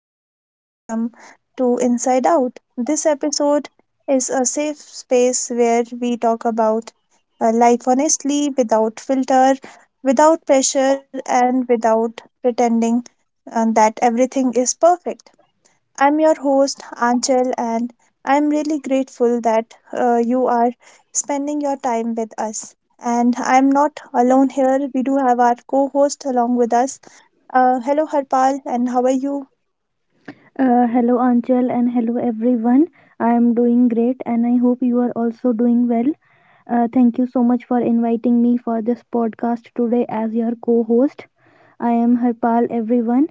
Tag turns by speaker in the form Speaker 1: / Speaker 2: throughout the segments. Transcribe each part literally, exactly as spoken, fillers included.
Speaker 1: very warm welcome to Inside Out. This episode is a safe space where we talk about uh, life honestly, without filter, without pressure, and without pretending um, that everything is perfect. I'm your host, Anchal, and I'm really grateful that uh, you are spending your time with us. And I'm not alone here, we do have our co host along with us. Uh, hello, Harpal, and how are you?
Speaker 2: Uh, hello Anchal and hello everyone. I am doing great, and I hope you are also doing well. Uh, thank you so much for inviting me for this podcast today as your co host. I am Harpal, everyone.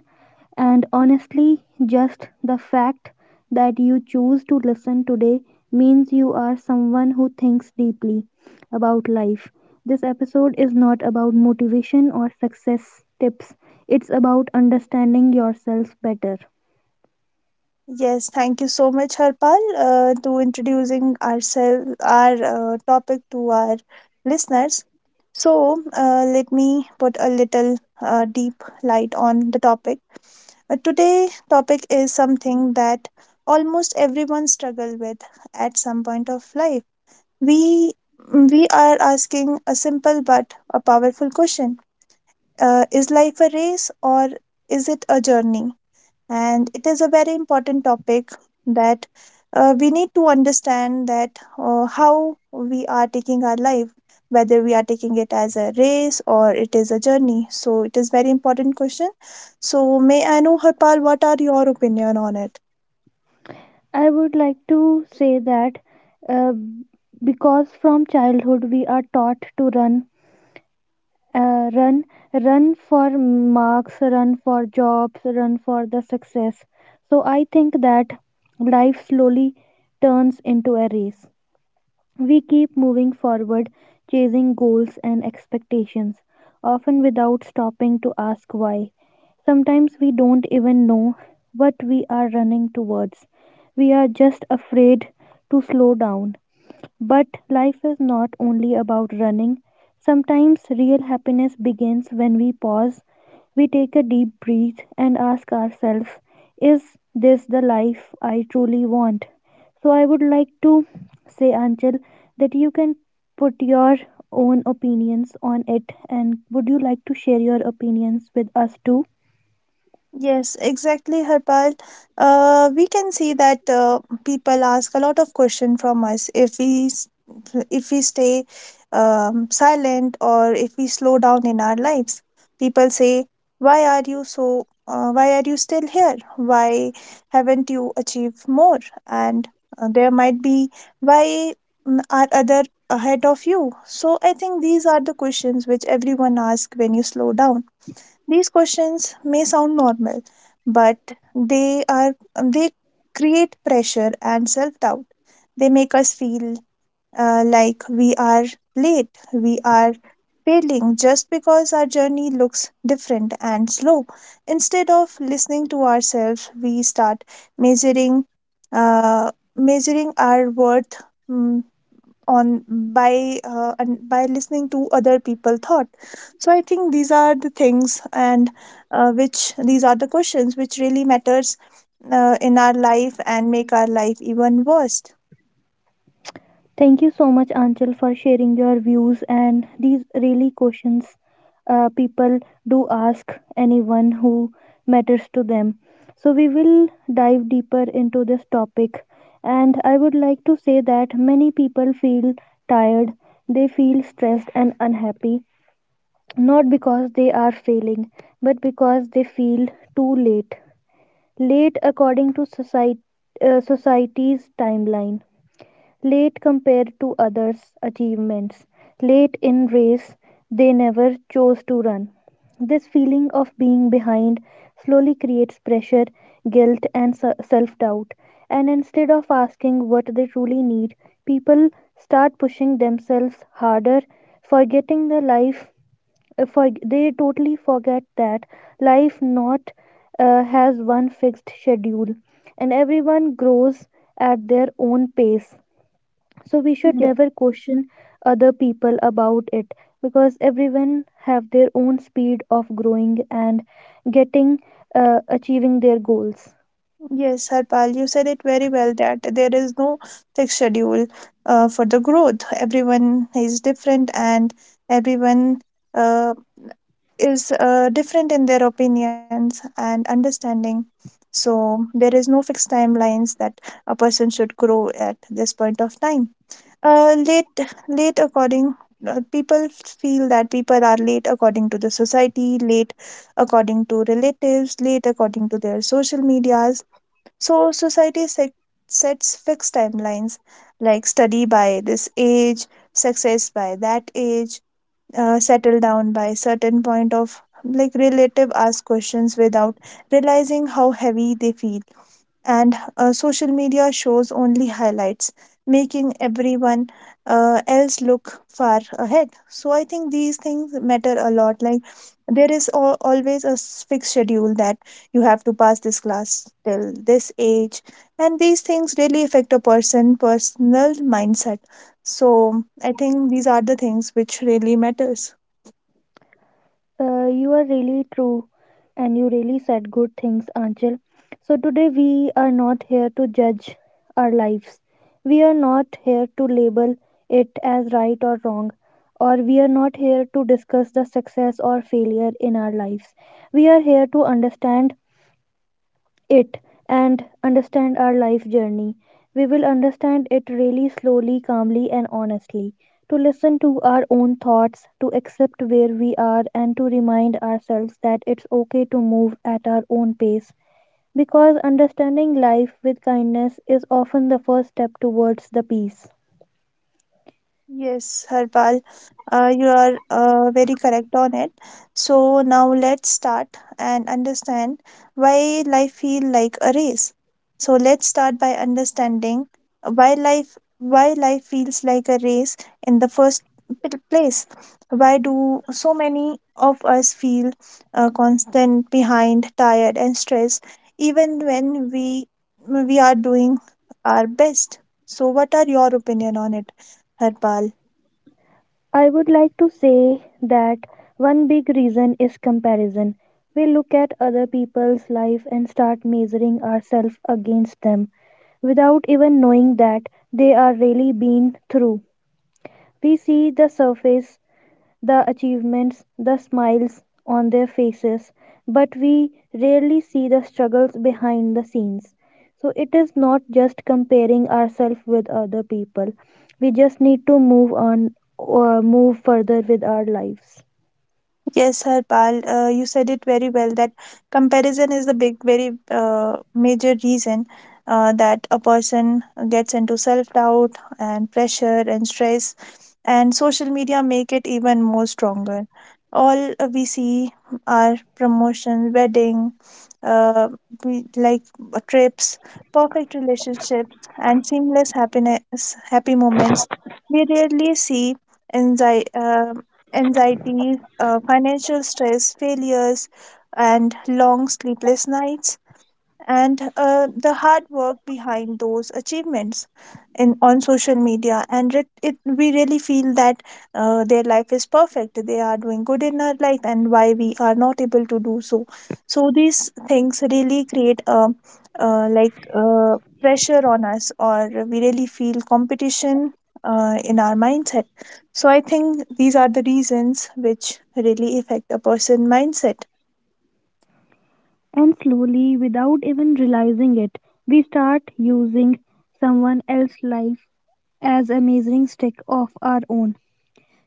Speaker 2: And honestly, just the fact that you choose to listen today means you are someone who thinks deeply about life. This episode is not about motivation or success tips, it's about understanding yourself better.
Speaker 1: Yes, thank you so much, Harpal, uh, to introducing ourselves, our uh, topic to our listeners. So, uh, let me put a little uh, deep light on the topic. Uh, today topic is something that almost everyone struggle with at some point of life. We we are asking a simple but a powerful question: uh, Is life a race or is it a journey? And it is a very important topic that uh, we need to understand that uh, how we are taking our life, whether we are taking it as a race or it is a journey. So it is very important question. So may I know, Harpal, what are your opinion on it?
Speaker 2: I would like to say that uh, because from childhood we are taught to run, uh, run, run for marks, run for jobs, run for the success. So I think that life slowly turns into a race. We keep moving forward, chasing goals and expectations, often without stopping to ask why. Sometimes we don't even know what we are running towards. We are just afraid to slow down. But life is not only about running. Sometimes real happiness begins when we pause, we take a deep breath, and ask ourselves, is this the life I truly want? So, I would like to say, Anchal, that you can put your own opinions on it. And would you like to share your opinions with us too?
Speaker 1: Yes, exactly, Harpal. Uh, we can see that uh, people ask a lot of questions from us if we s- if we stay um, silent or if we slow down in our lives. People say, "Why are you so? Uh, why are you still here? Why haven't you achieved more?" And uh, there might be, "Why mm, are other ahead of you?" So I think these are the questions which everyone asks when you slow down. These questions may sound normal, but they are they create pressure and self-doubt. They make us feel uh, like we are late, we are failing just because our journey looks different and slow. Instead of listening to ourselves, we start measuring uh, measuring our worth mm, on by uh, and by listening to other people thought. So I think these are the things and uh, which these are the questions which really matters uh, in our life and make our life even worse.
Speaker 2: Thank you so much, Anchal, for sharing your views. And these really questions, uh, people do ask anyone who matters to them. So, we will dive deeper into this topic. And I would like to say that many people feel tired, they feel stressed and unhappy, not because they are failing, but because they feel too late. Late according to society, uh, society's timeline. Late compared to others' achievements. Late in race, they never chose to run. This feeling of being behind slowly creates pressure, guilt, and self doubt. And instead of asking what they truly need, people start pushing themselves harder, forgetting the life. uh, For they totally forget that life not uh, has one fixed schedule, and everyone grows at their own pace. So we should never question other people about it, because everyone have their own speed of growing and getting, uh, achieving their goals.
Speaker 1: Yes, Harpal, you said it very well that there is no fixed schedule uh, for the growth. Everyone is different and everyone uh, is uh, different in their opinions and understanding. So there is no fixed timelines that a person should grow at this point of time. Uh, late, late according uh, People feel that people are late according to the society, late according to relatives, late according to their social medias. So society set, sets fixed timelines like study by this age, success by that age, uh, settle down by certain point of like relative ask questions without realizing how heavy they feel. And uh, social media shows only highlights, making everyone uh, else look far ahead. So I think these things matter a lot. Like, there is al- always a s- fixed schedule that you have to pass this class till this age, and these things really affect a person' personal mindset. So I think these are the things which really matters.
Speaker 2: Uh, you are really true, and you really said good things, Anchal. So today we are not here to judge our lives, we are not here to label it as right or wrong, or we are not here to discuss the success or failure in our lives. We are here to understand it and understand our life journey. We will understand it really slowly, calmly, and honestly. To listen to our own thoughts, to accept where we are, and to remind ourselves that it's okay to move at our own pace. Because understanding life with kindness is often the first step towards the peace.
Speaker 1: Yes, Harpal, uh, you are uh, very correct on it. So now let's start and understand why life feel like a race. So let's start by understanding why life why life feels like a race in the first p- place. Why do so many of us feel uh, constant behind, tired, and stressed, even when we we are doing our best? So what are your opinion on it, Harpal?
Speaker 2: I would like to say that one big reason is comparison. We look at other people's life and start measuring ourselves against them without even knowing that they are really being through. We see the surface, the achievements, the smiles on their faces, but we rarely see the struggles behind the scenes. So it is not just comparing ourselves with other people. We just need to move on or move further with our lives.
Speaker 1: Yes, Harpal, uh, you said it very well that comparison is the big, very uh, major reason uh, that a person gets into self doubt and pressure and stress, and social media make it even more stronger. All uh, we see are promotion, wedding, uh, we, like uh, trips, perfect relationships, and seamless happiness, happy moments. We rarely see anxiety anxiety, uh, financial stress, failures, and long sleepless nights and uh, the hard work behind those achievements in on social media. And it, it we really feel that uh, their life is perfect, they are doing good in our life and why we are not able to do so. So these things really create a, uh, like uh, pressure on us or we really feel competition uh, in our mindset. So I think these are the reasons which really affect a person mindset.
Speaker 2: And slowly, without even realizing it, we start using someone else's life as a measuring stick of our own.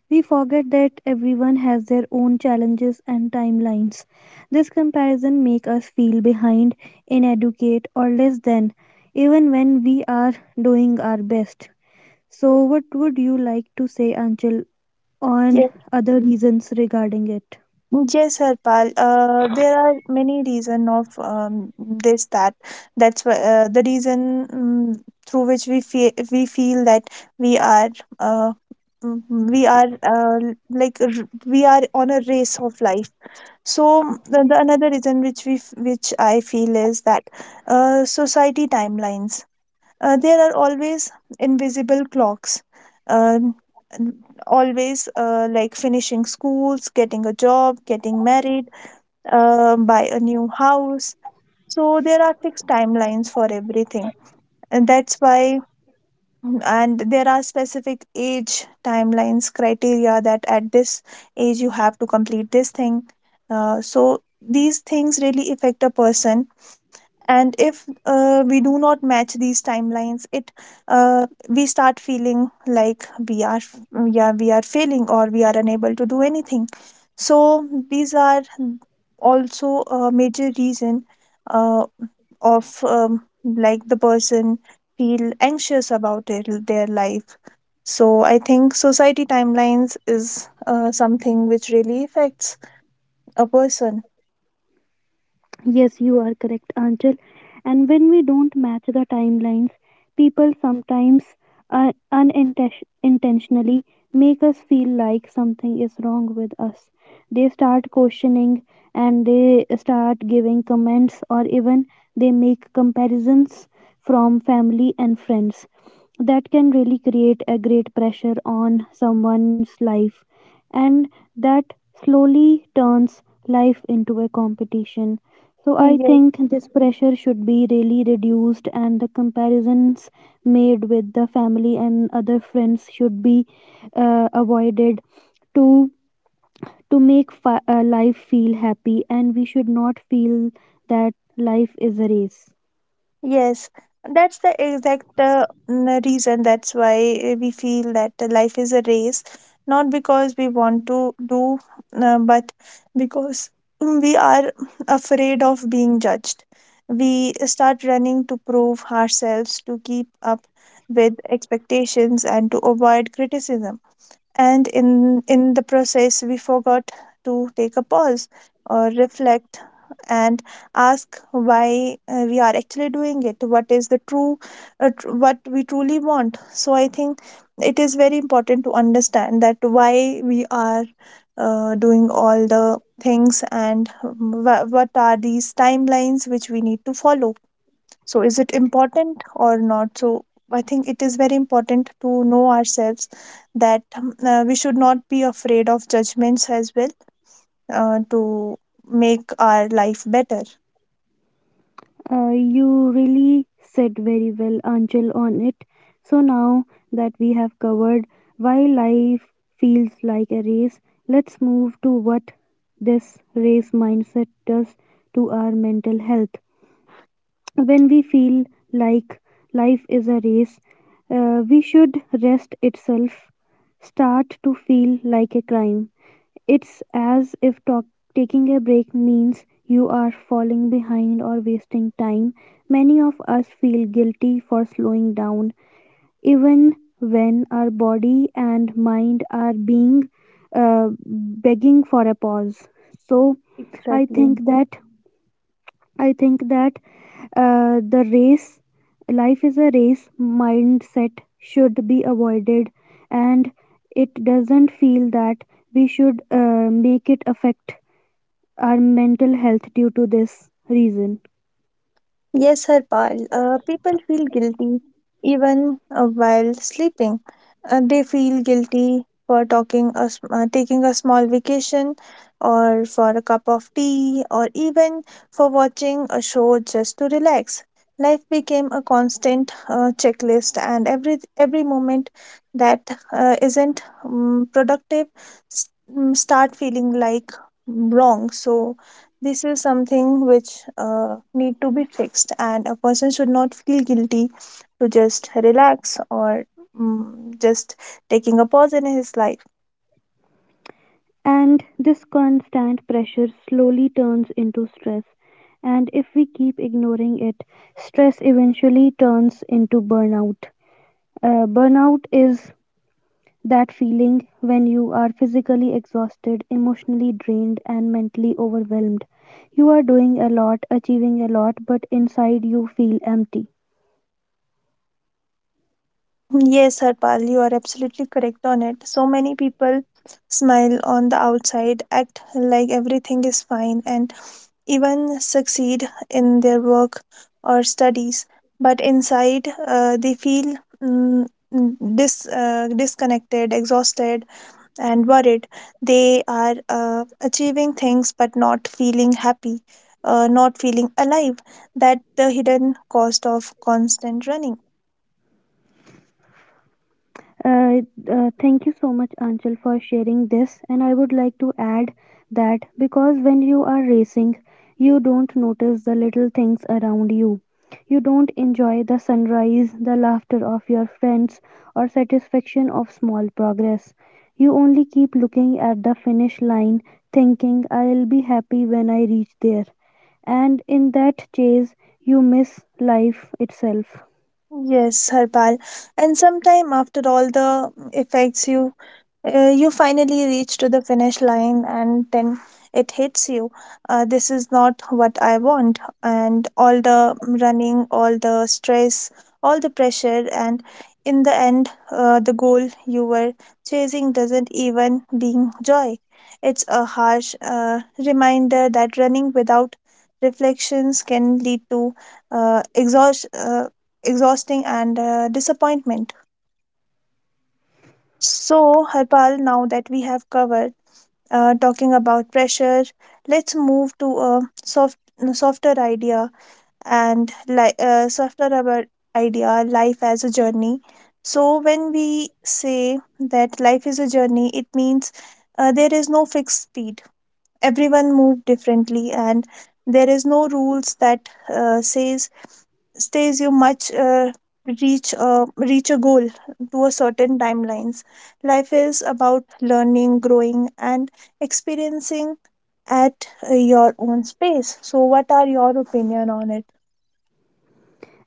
Speaker 2: We forget that everyone has their own challenges and timelines. This comparison makes us feel behind, inadequate, or less than, even when we are doing our best. So, what would you like to say, Anchal, on other reasons regarding it?
Speaker 1: Yes, Harpal. Uh, there are many reason of um, this that that's why uh, the reason um, through which we feel we feel that we are uh, mm, we are uh, like r- we are on a race of life. So mm, the, the another reason which we f- which I feel is that uh, society timelines. Uh, there are always invisible clocks, um, n- always uh, like finishing schools, getting a job, getting married, uh, buy a new house. So there are fixed timelines for everything. And that's why, and there are specific age timelines, criteria that at this age you have to complete this thing. Uh, so these things really affect a person, and if uh, we do not match these timelines, it uh, we start feeling like we are, yeah, we are failing or we are unable to do anything. So these are also a major reason uh, of um, like the person feel anxious about it, their life. So I think society timelines is uh, something which really affects a person.
Speaker 2: Yes, you are correct, Anchal. And when we don't match the timelines, people sometimes uh, unintentionally make us feel like something is wrong with us. They start questioning, and they start giving comments, or even they make comparisons from family and friends. That can really create a great pressure on someone's life, and that slowly turns life into a competition. So I think this pressure should be really reduced, and the comparisons made with the family and other friends should be uh, avoided, to to make fi- uh, life feel happy, and we should not feel that life is a race.
Speaker 1: Yes, that's the exact uh, n- reason. That's why we feel that the life is a race, not because we want to do, uh, but because we are afraid of being judged. We start running to prove ourselves, to keep up with expectations, and to avoid criticism. And in in the process we forgot to take a pause or reflect and ask why uh, we are actually doing it, what is the true uh, tr- what we truly want. So I think it is very important to understand that why we are uh, doing all the things and um, wha- what are these timelines which we need to follow. So, is it important or not? So, I think it is very important to know ourselves that um, uh, we should not be afraid of judgments as well uh, to make our life better.
Speaker 2: Uh, you really said very well, Angel, on it. So now that we have covered why life feels like a race, let's move to what this race mindset does to our mental health. When we feel like life is a race, uh, we should rest itself start to feel like a crime. It's as if talk, taking a break means you are falling behind or wasting time. Many of us feel guilty for slowing down, even when our body and mind are being uh, begging for a pause. So, I
Speaker 1: Exactly.
Speaker 2: think that I think that uh, the race, life is a race mindset should be avoided, and it doesn't feel that we should uh, make it affect our mental health due to this reason.
Speaker 1: Yes, Harpal, uh, people feel guilty even uh, while sleeping. Uh, they feel guilty for talking a, sm- uh, taking a small vacation or for a cup of tea or even for watching a show just to relax. Life became a constant uh, checklist, and every every moment that uh, isn't um, productive s- mm, start feeling like wrong. So this is something which uh, need to be fixed, and a person should not feel guilty to just relax or mm, just taking a pause in his life.
Speaker 2: And this constant pressure slowly turns into stress. And if we keep ignoring it, stress eventually turns into burnout. Uh, burnout is that feeling when you are physically exhausted, emotionally drained, and mentally overwhelmed. You are doing a lot, achieving a lot, but inside you feel empty.
Speaker 1: Yes, Harpal, you are absolutely correct on it. So many people smile on the outside, act like everything is fine, and even succeed in their work or studies. But inside, uh, they feel mm, dis- uh, disconnected, exhausted, and worried. They are uh, achieving things but not feeling happy, uh, not feeling alive. That the hidden cost of constant running.
Speaker 2: Uh, uh, thank you so much, Anchal, for sharing this. And I would like to add that because when you are racing, you don't notice the little things around you. You don't enjoy the sunrise, the laughter of your friends, or satisfaction of small progress. You only keep looking at the finish line, thinking, I'll be happy when I reach there. And in that chase, you miss life itself.
Speaker 1: Yes, Harpal. And sometime after all the effects you uh, you finally reach to the finish line and then it hits you, uh, this is not what I want, and all the running, all the stress, all the pressure, and in the end uh, the goal you were chasing doesn't even bring joy. It's a harsh uh, reminder that running without reflections can lead to uh, exhaust, uh, exhausting and uh, disappointment. So Harpal, now that we have covered uh, talking about pressure, let's move to a soft, softer idea and like uh, softer about idea, life as a journey. So when we say that life is a journey, it means uh, there is no fixed speed. Everyone move differently, and there is no rules that uh, says stays you much uh, reach uh, reach a goal to a certain timelines. Life is about learning, growing, and experiencing at uh, your own space. So what are your opinion on it?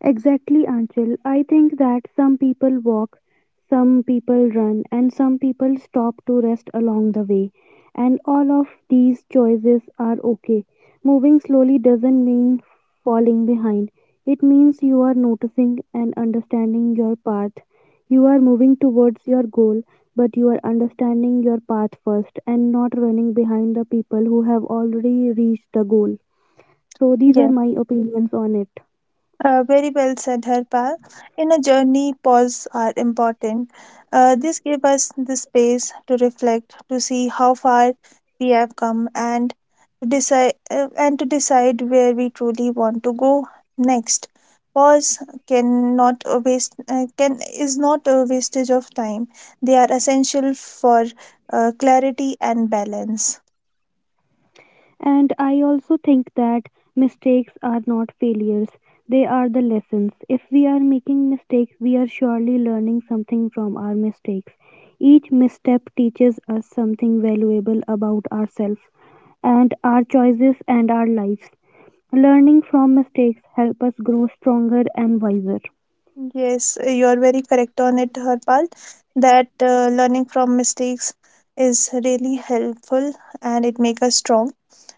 Speaker 2: Exactly, Anchal. I think that some people walk, some people run, and some people stop to rest along the way. And all of these choices are okay. Moving slowly doesn't mean falling behind, it means you are noticing and understanding your path. You are moving towards your goal, but you are understanding your path first and not running behind the people who have already reached the goal. So, these are
Speaker 1: Yes.
Speaker 2: my opinions on it.
Speaker 1: Uh, very well said, Harpal. In a journey, pause are important. Uh, this give us the space to reflect, to see how far we have come, and to decide uh, and to decide where we truly want to go next. Pause cannot a waste uh, can is not a wastage of time. They are essential for uh, clarity and balance.
Speaker 2: And I also think that mistakes are not failures, they are the lessons. If we are making mistakes, we are surely learning something from our mistakes. Each misstep teaches us something valuable about ourselves and our choices and our lives. Learning from mistakes help us grow stronger and wiser.
Speaker 1: Yes, uh, you are very correct on it, Harpal, that uh, learning from mistakes is really helpful and it makes us strong.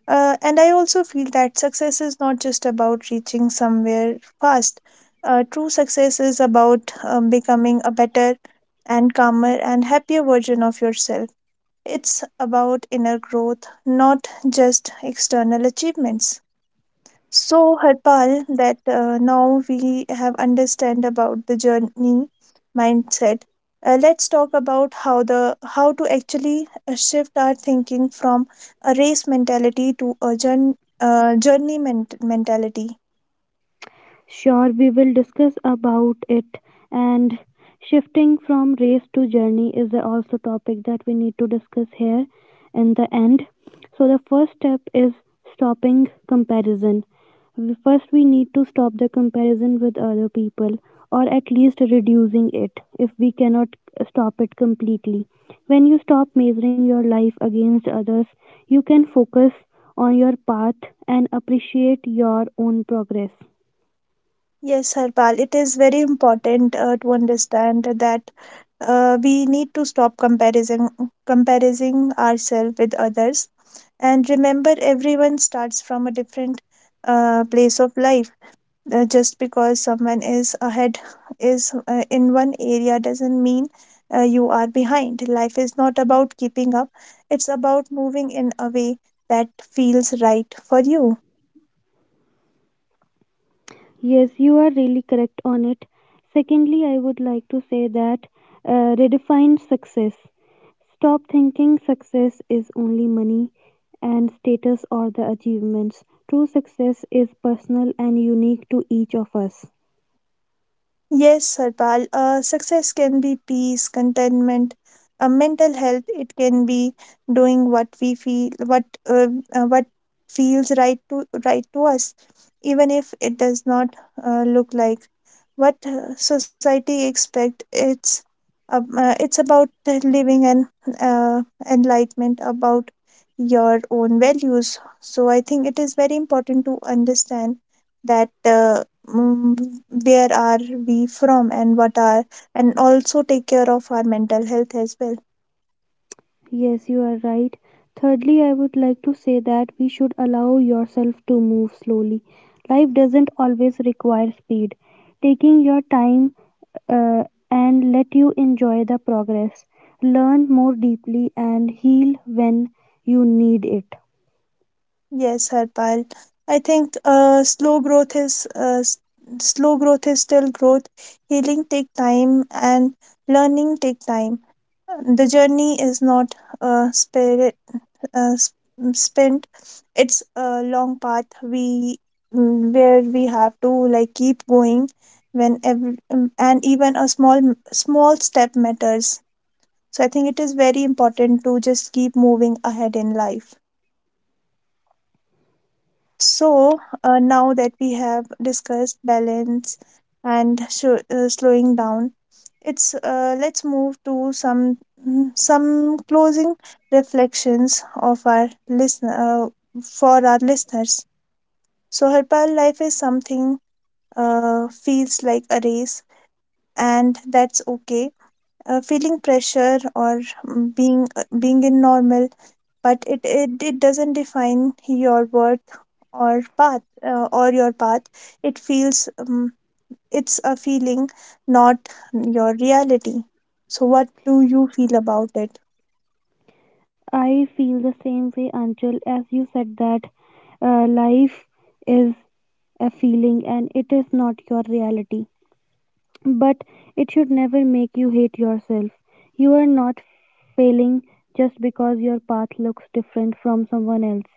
Speaker 1: Uh, and I also feel that success is not just about reaching somewhere fast. Uh, true success is about um, becoming a better and calmer and happier version of yourself. It's about inner growth, not just external achievements. So, Harpal, that uh, now we have understand about the journey mindset. Uh, let's talk about how the how to actually uh, shift our thinking from a race mentality to a journey, uh, journey ment- mentality.
Speaker 2: Sure, we will discuss about it. And shifting from race to journey is a also topic that we need to discuss here in the end. So the first step is stopping comparison. We- First, we need to stop the comparison with other people, or at least reducing it if we cannot stop it completely. When you stop measuring your life against others, you can focus on your path and appreciate your own progress.
Speaker 1: Yes, Harpal, it is very important uh, to understand that uh, we need to stop comparison comparing ourselves with others, and remember, everyone starts from a different uh, place of life. Uh, just because someone is ahead is uh, in one area doesn't mean uh, you are behind. Life is not about keeping up, it's about moving in a way that feels right for you.
Speaker 2: Yes, you are really correct on it. Secondly, I would like to say that uh, redefine success. Stop thinking success is only money and status or the achievements. True success is personal and unique to each of us.
Speaker 1: Yes, Harpal, uh, success can be peace, contentment, uh, mental health. It can be doing what we feel, what uh, uh, what feels right to right to us, even if it does not uh, look like what uh, society expect. It's uh, uh, it's about uh, living an uh, enlightenment about your own values. So I think it is very important to understand that uh, mm, where are we from and what are, and also take care of our mental health as well.
Speaker 2: Yes, you are right. Thirdly, I would like to say that we should allow yourself to move slowly. Life doesn't always require speed. Taking your time uh, and let you enjoy the progress. Learn more deeply and heal when you need it.
Speaker 1: Yes, Harpal, I think uh, slow growth is uh, s- slow growth is still growth. Healing take time and learning take time. The journey is not uh, spirit uh, s- mm, spent. It's a long path we mm, where we have to like keep going when every, um, and even a small small step matters. So I think it is very important to just keep moving ahead in life. So, uh, now that we have discussed balance and sho uh, slowing down, it's uh, let's move to some mm, some closing reflections of our listen uh, for our listeners. So, Harpal, life is something uh, feels like a race, and that's okay. Uh, feeling pressure or mm, being uh, being in normal, but it, it it doesn't define your worth or path uh, or your path. it feels um, it's a feeling, not your reality. So what do you feel about it?
Speaker 2: I feel the same way, Anchal, as you said that uh, life is a feeling and it is not your reality. But it should never make you hate yourself. You are not failing just because your path looks different from someone else.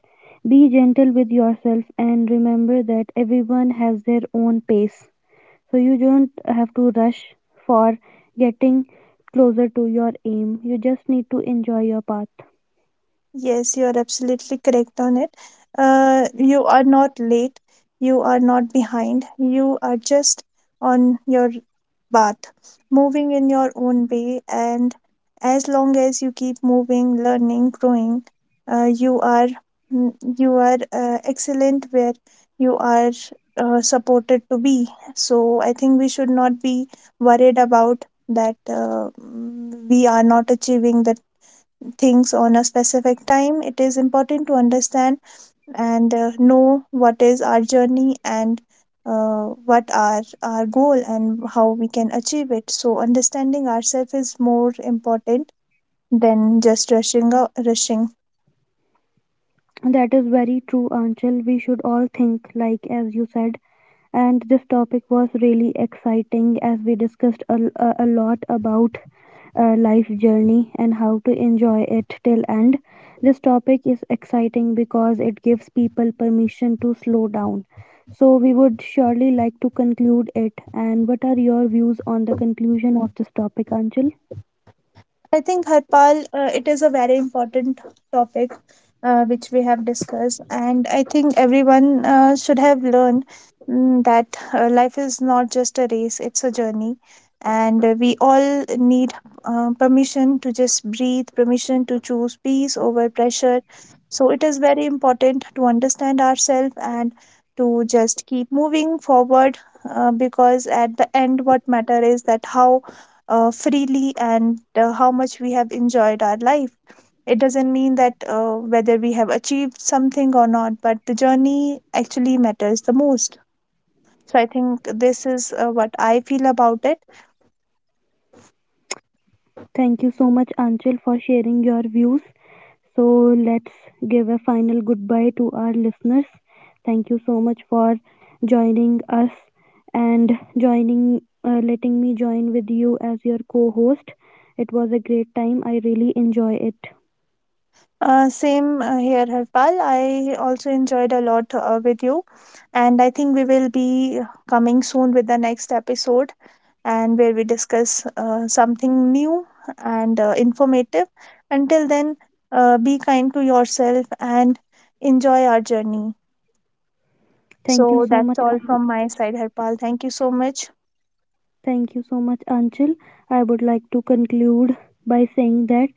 Speaker 2: Be gentle with yourself and remember that everyone has their own pace. So you don't have to rush for getting closer to your aim, you just need to enjoy your path.
Speaker 1: Yes, you are absolutely correct on it. Uh, you are not late, you are not behind, you are just on your path, moving in your own way. And as long as you keep moving, learning, growing, uh, you are mm, you are uh, excellent where you are uh, supported to be. So I think we should not be worried about that uh, mm, we are not achieving the things on a specific time. It is important to understand and uh, know what is our journey and uh, what are our goal and how we can achieve it. So understanding ourselves is more important than just rushing out, rushing.
Speaker 2: That is very true, Anchal. We should all think like as you said, and this topic was really exciting as we discussed a, a, a lot about uh, life journey and how to enjoy it till end. This topic is exciting because it gives people permission to slow down. So we would surely like to conclude it, and what are your views on the conclusion of this topic, Anchal?
Speaker 1: I think, Harpal, uh, it is a very important topic uh, which we have discussed, and I think everyone uh, should have learned mm, that uh, life is not just a race, it's a journey. And uh, we all need uh, permission to just breathe, permission to choose peace over pressure. So it is very important to understand ourselves and to just keep moving forward, uh, because at the end, what matter is that how uh, freely and uh, how much we have enjoyed our life. It doesn't mean that uh, whether we have achieved something or not, but the journey actually matters the most. So I think this is uh, what I feel about it.
Speaker 2: Thank you so much, Anchal, for sharing your views. So let's give a final goodbye to our listeners. Thank you so much for joining us and joining, uh, letting me join with you as your co host. It was a great time. I really enjoy it.
Speaker 1: Uh, same uh, here, Harpal. I also enjoyed a lot uh, with you, and I think we will be coming soon with the next episode, and where we discuss uh, something new and uh, informative. Until then, uh, be kind to yourself and enjoy our journey.
Speaker 2: Thank you
Speaker 1: So
Speaker 2: so much.
Speaker 1: that's all
Speaker 2: An-
Speaker 1: from my side, Harpal. Thank you so much.
Speaker 2: Thank you so much, Anchal. I would like to conclude by saying that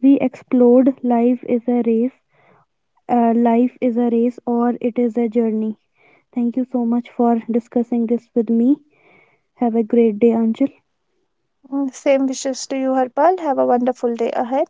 Speaker 2: we explored life is a race, uh, life is a race, or it is a journey. Thank you so much for discussing this with me. Have a great day, Anjul.
Speaker 1: Mm, same wishes to you, Harpal. Have a wonderful day ahead.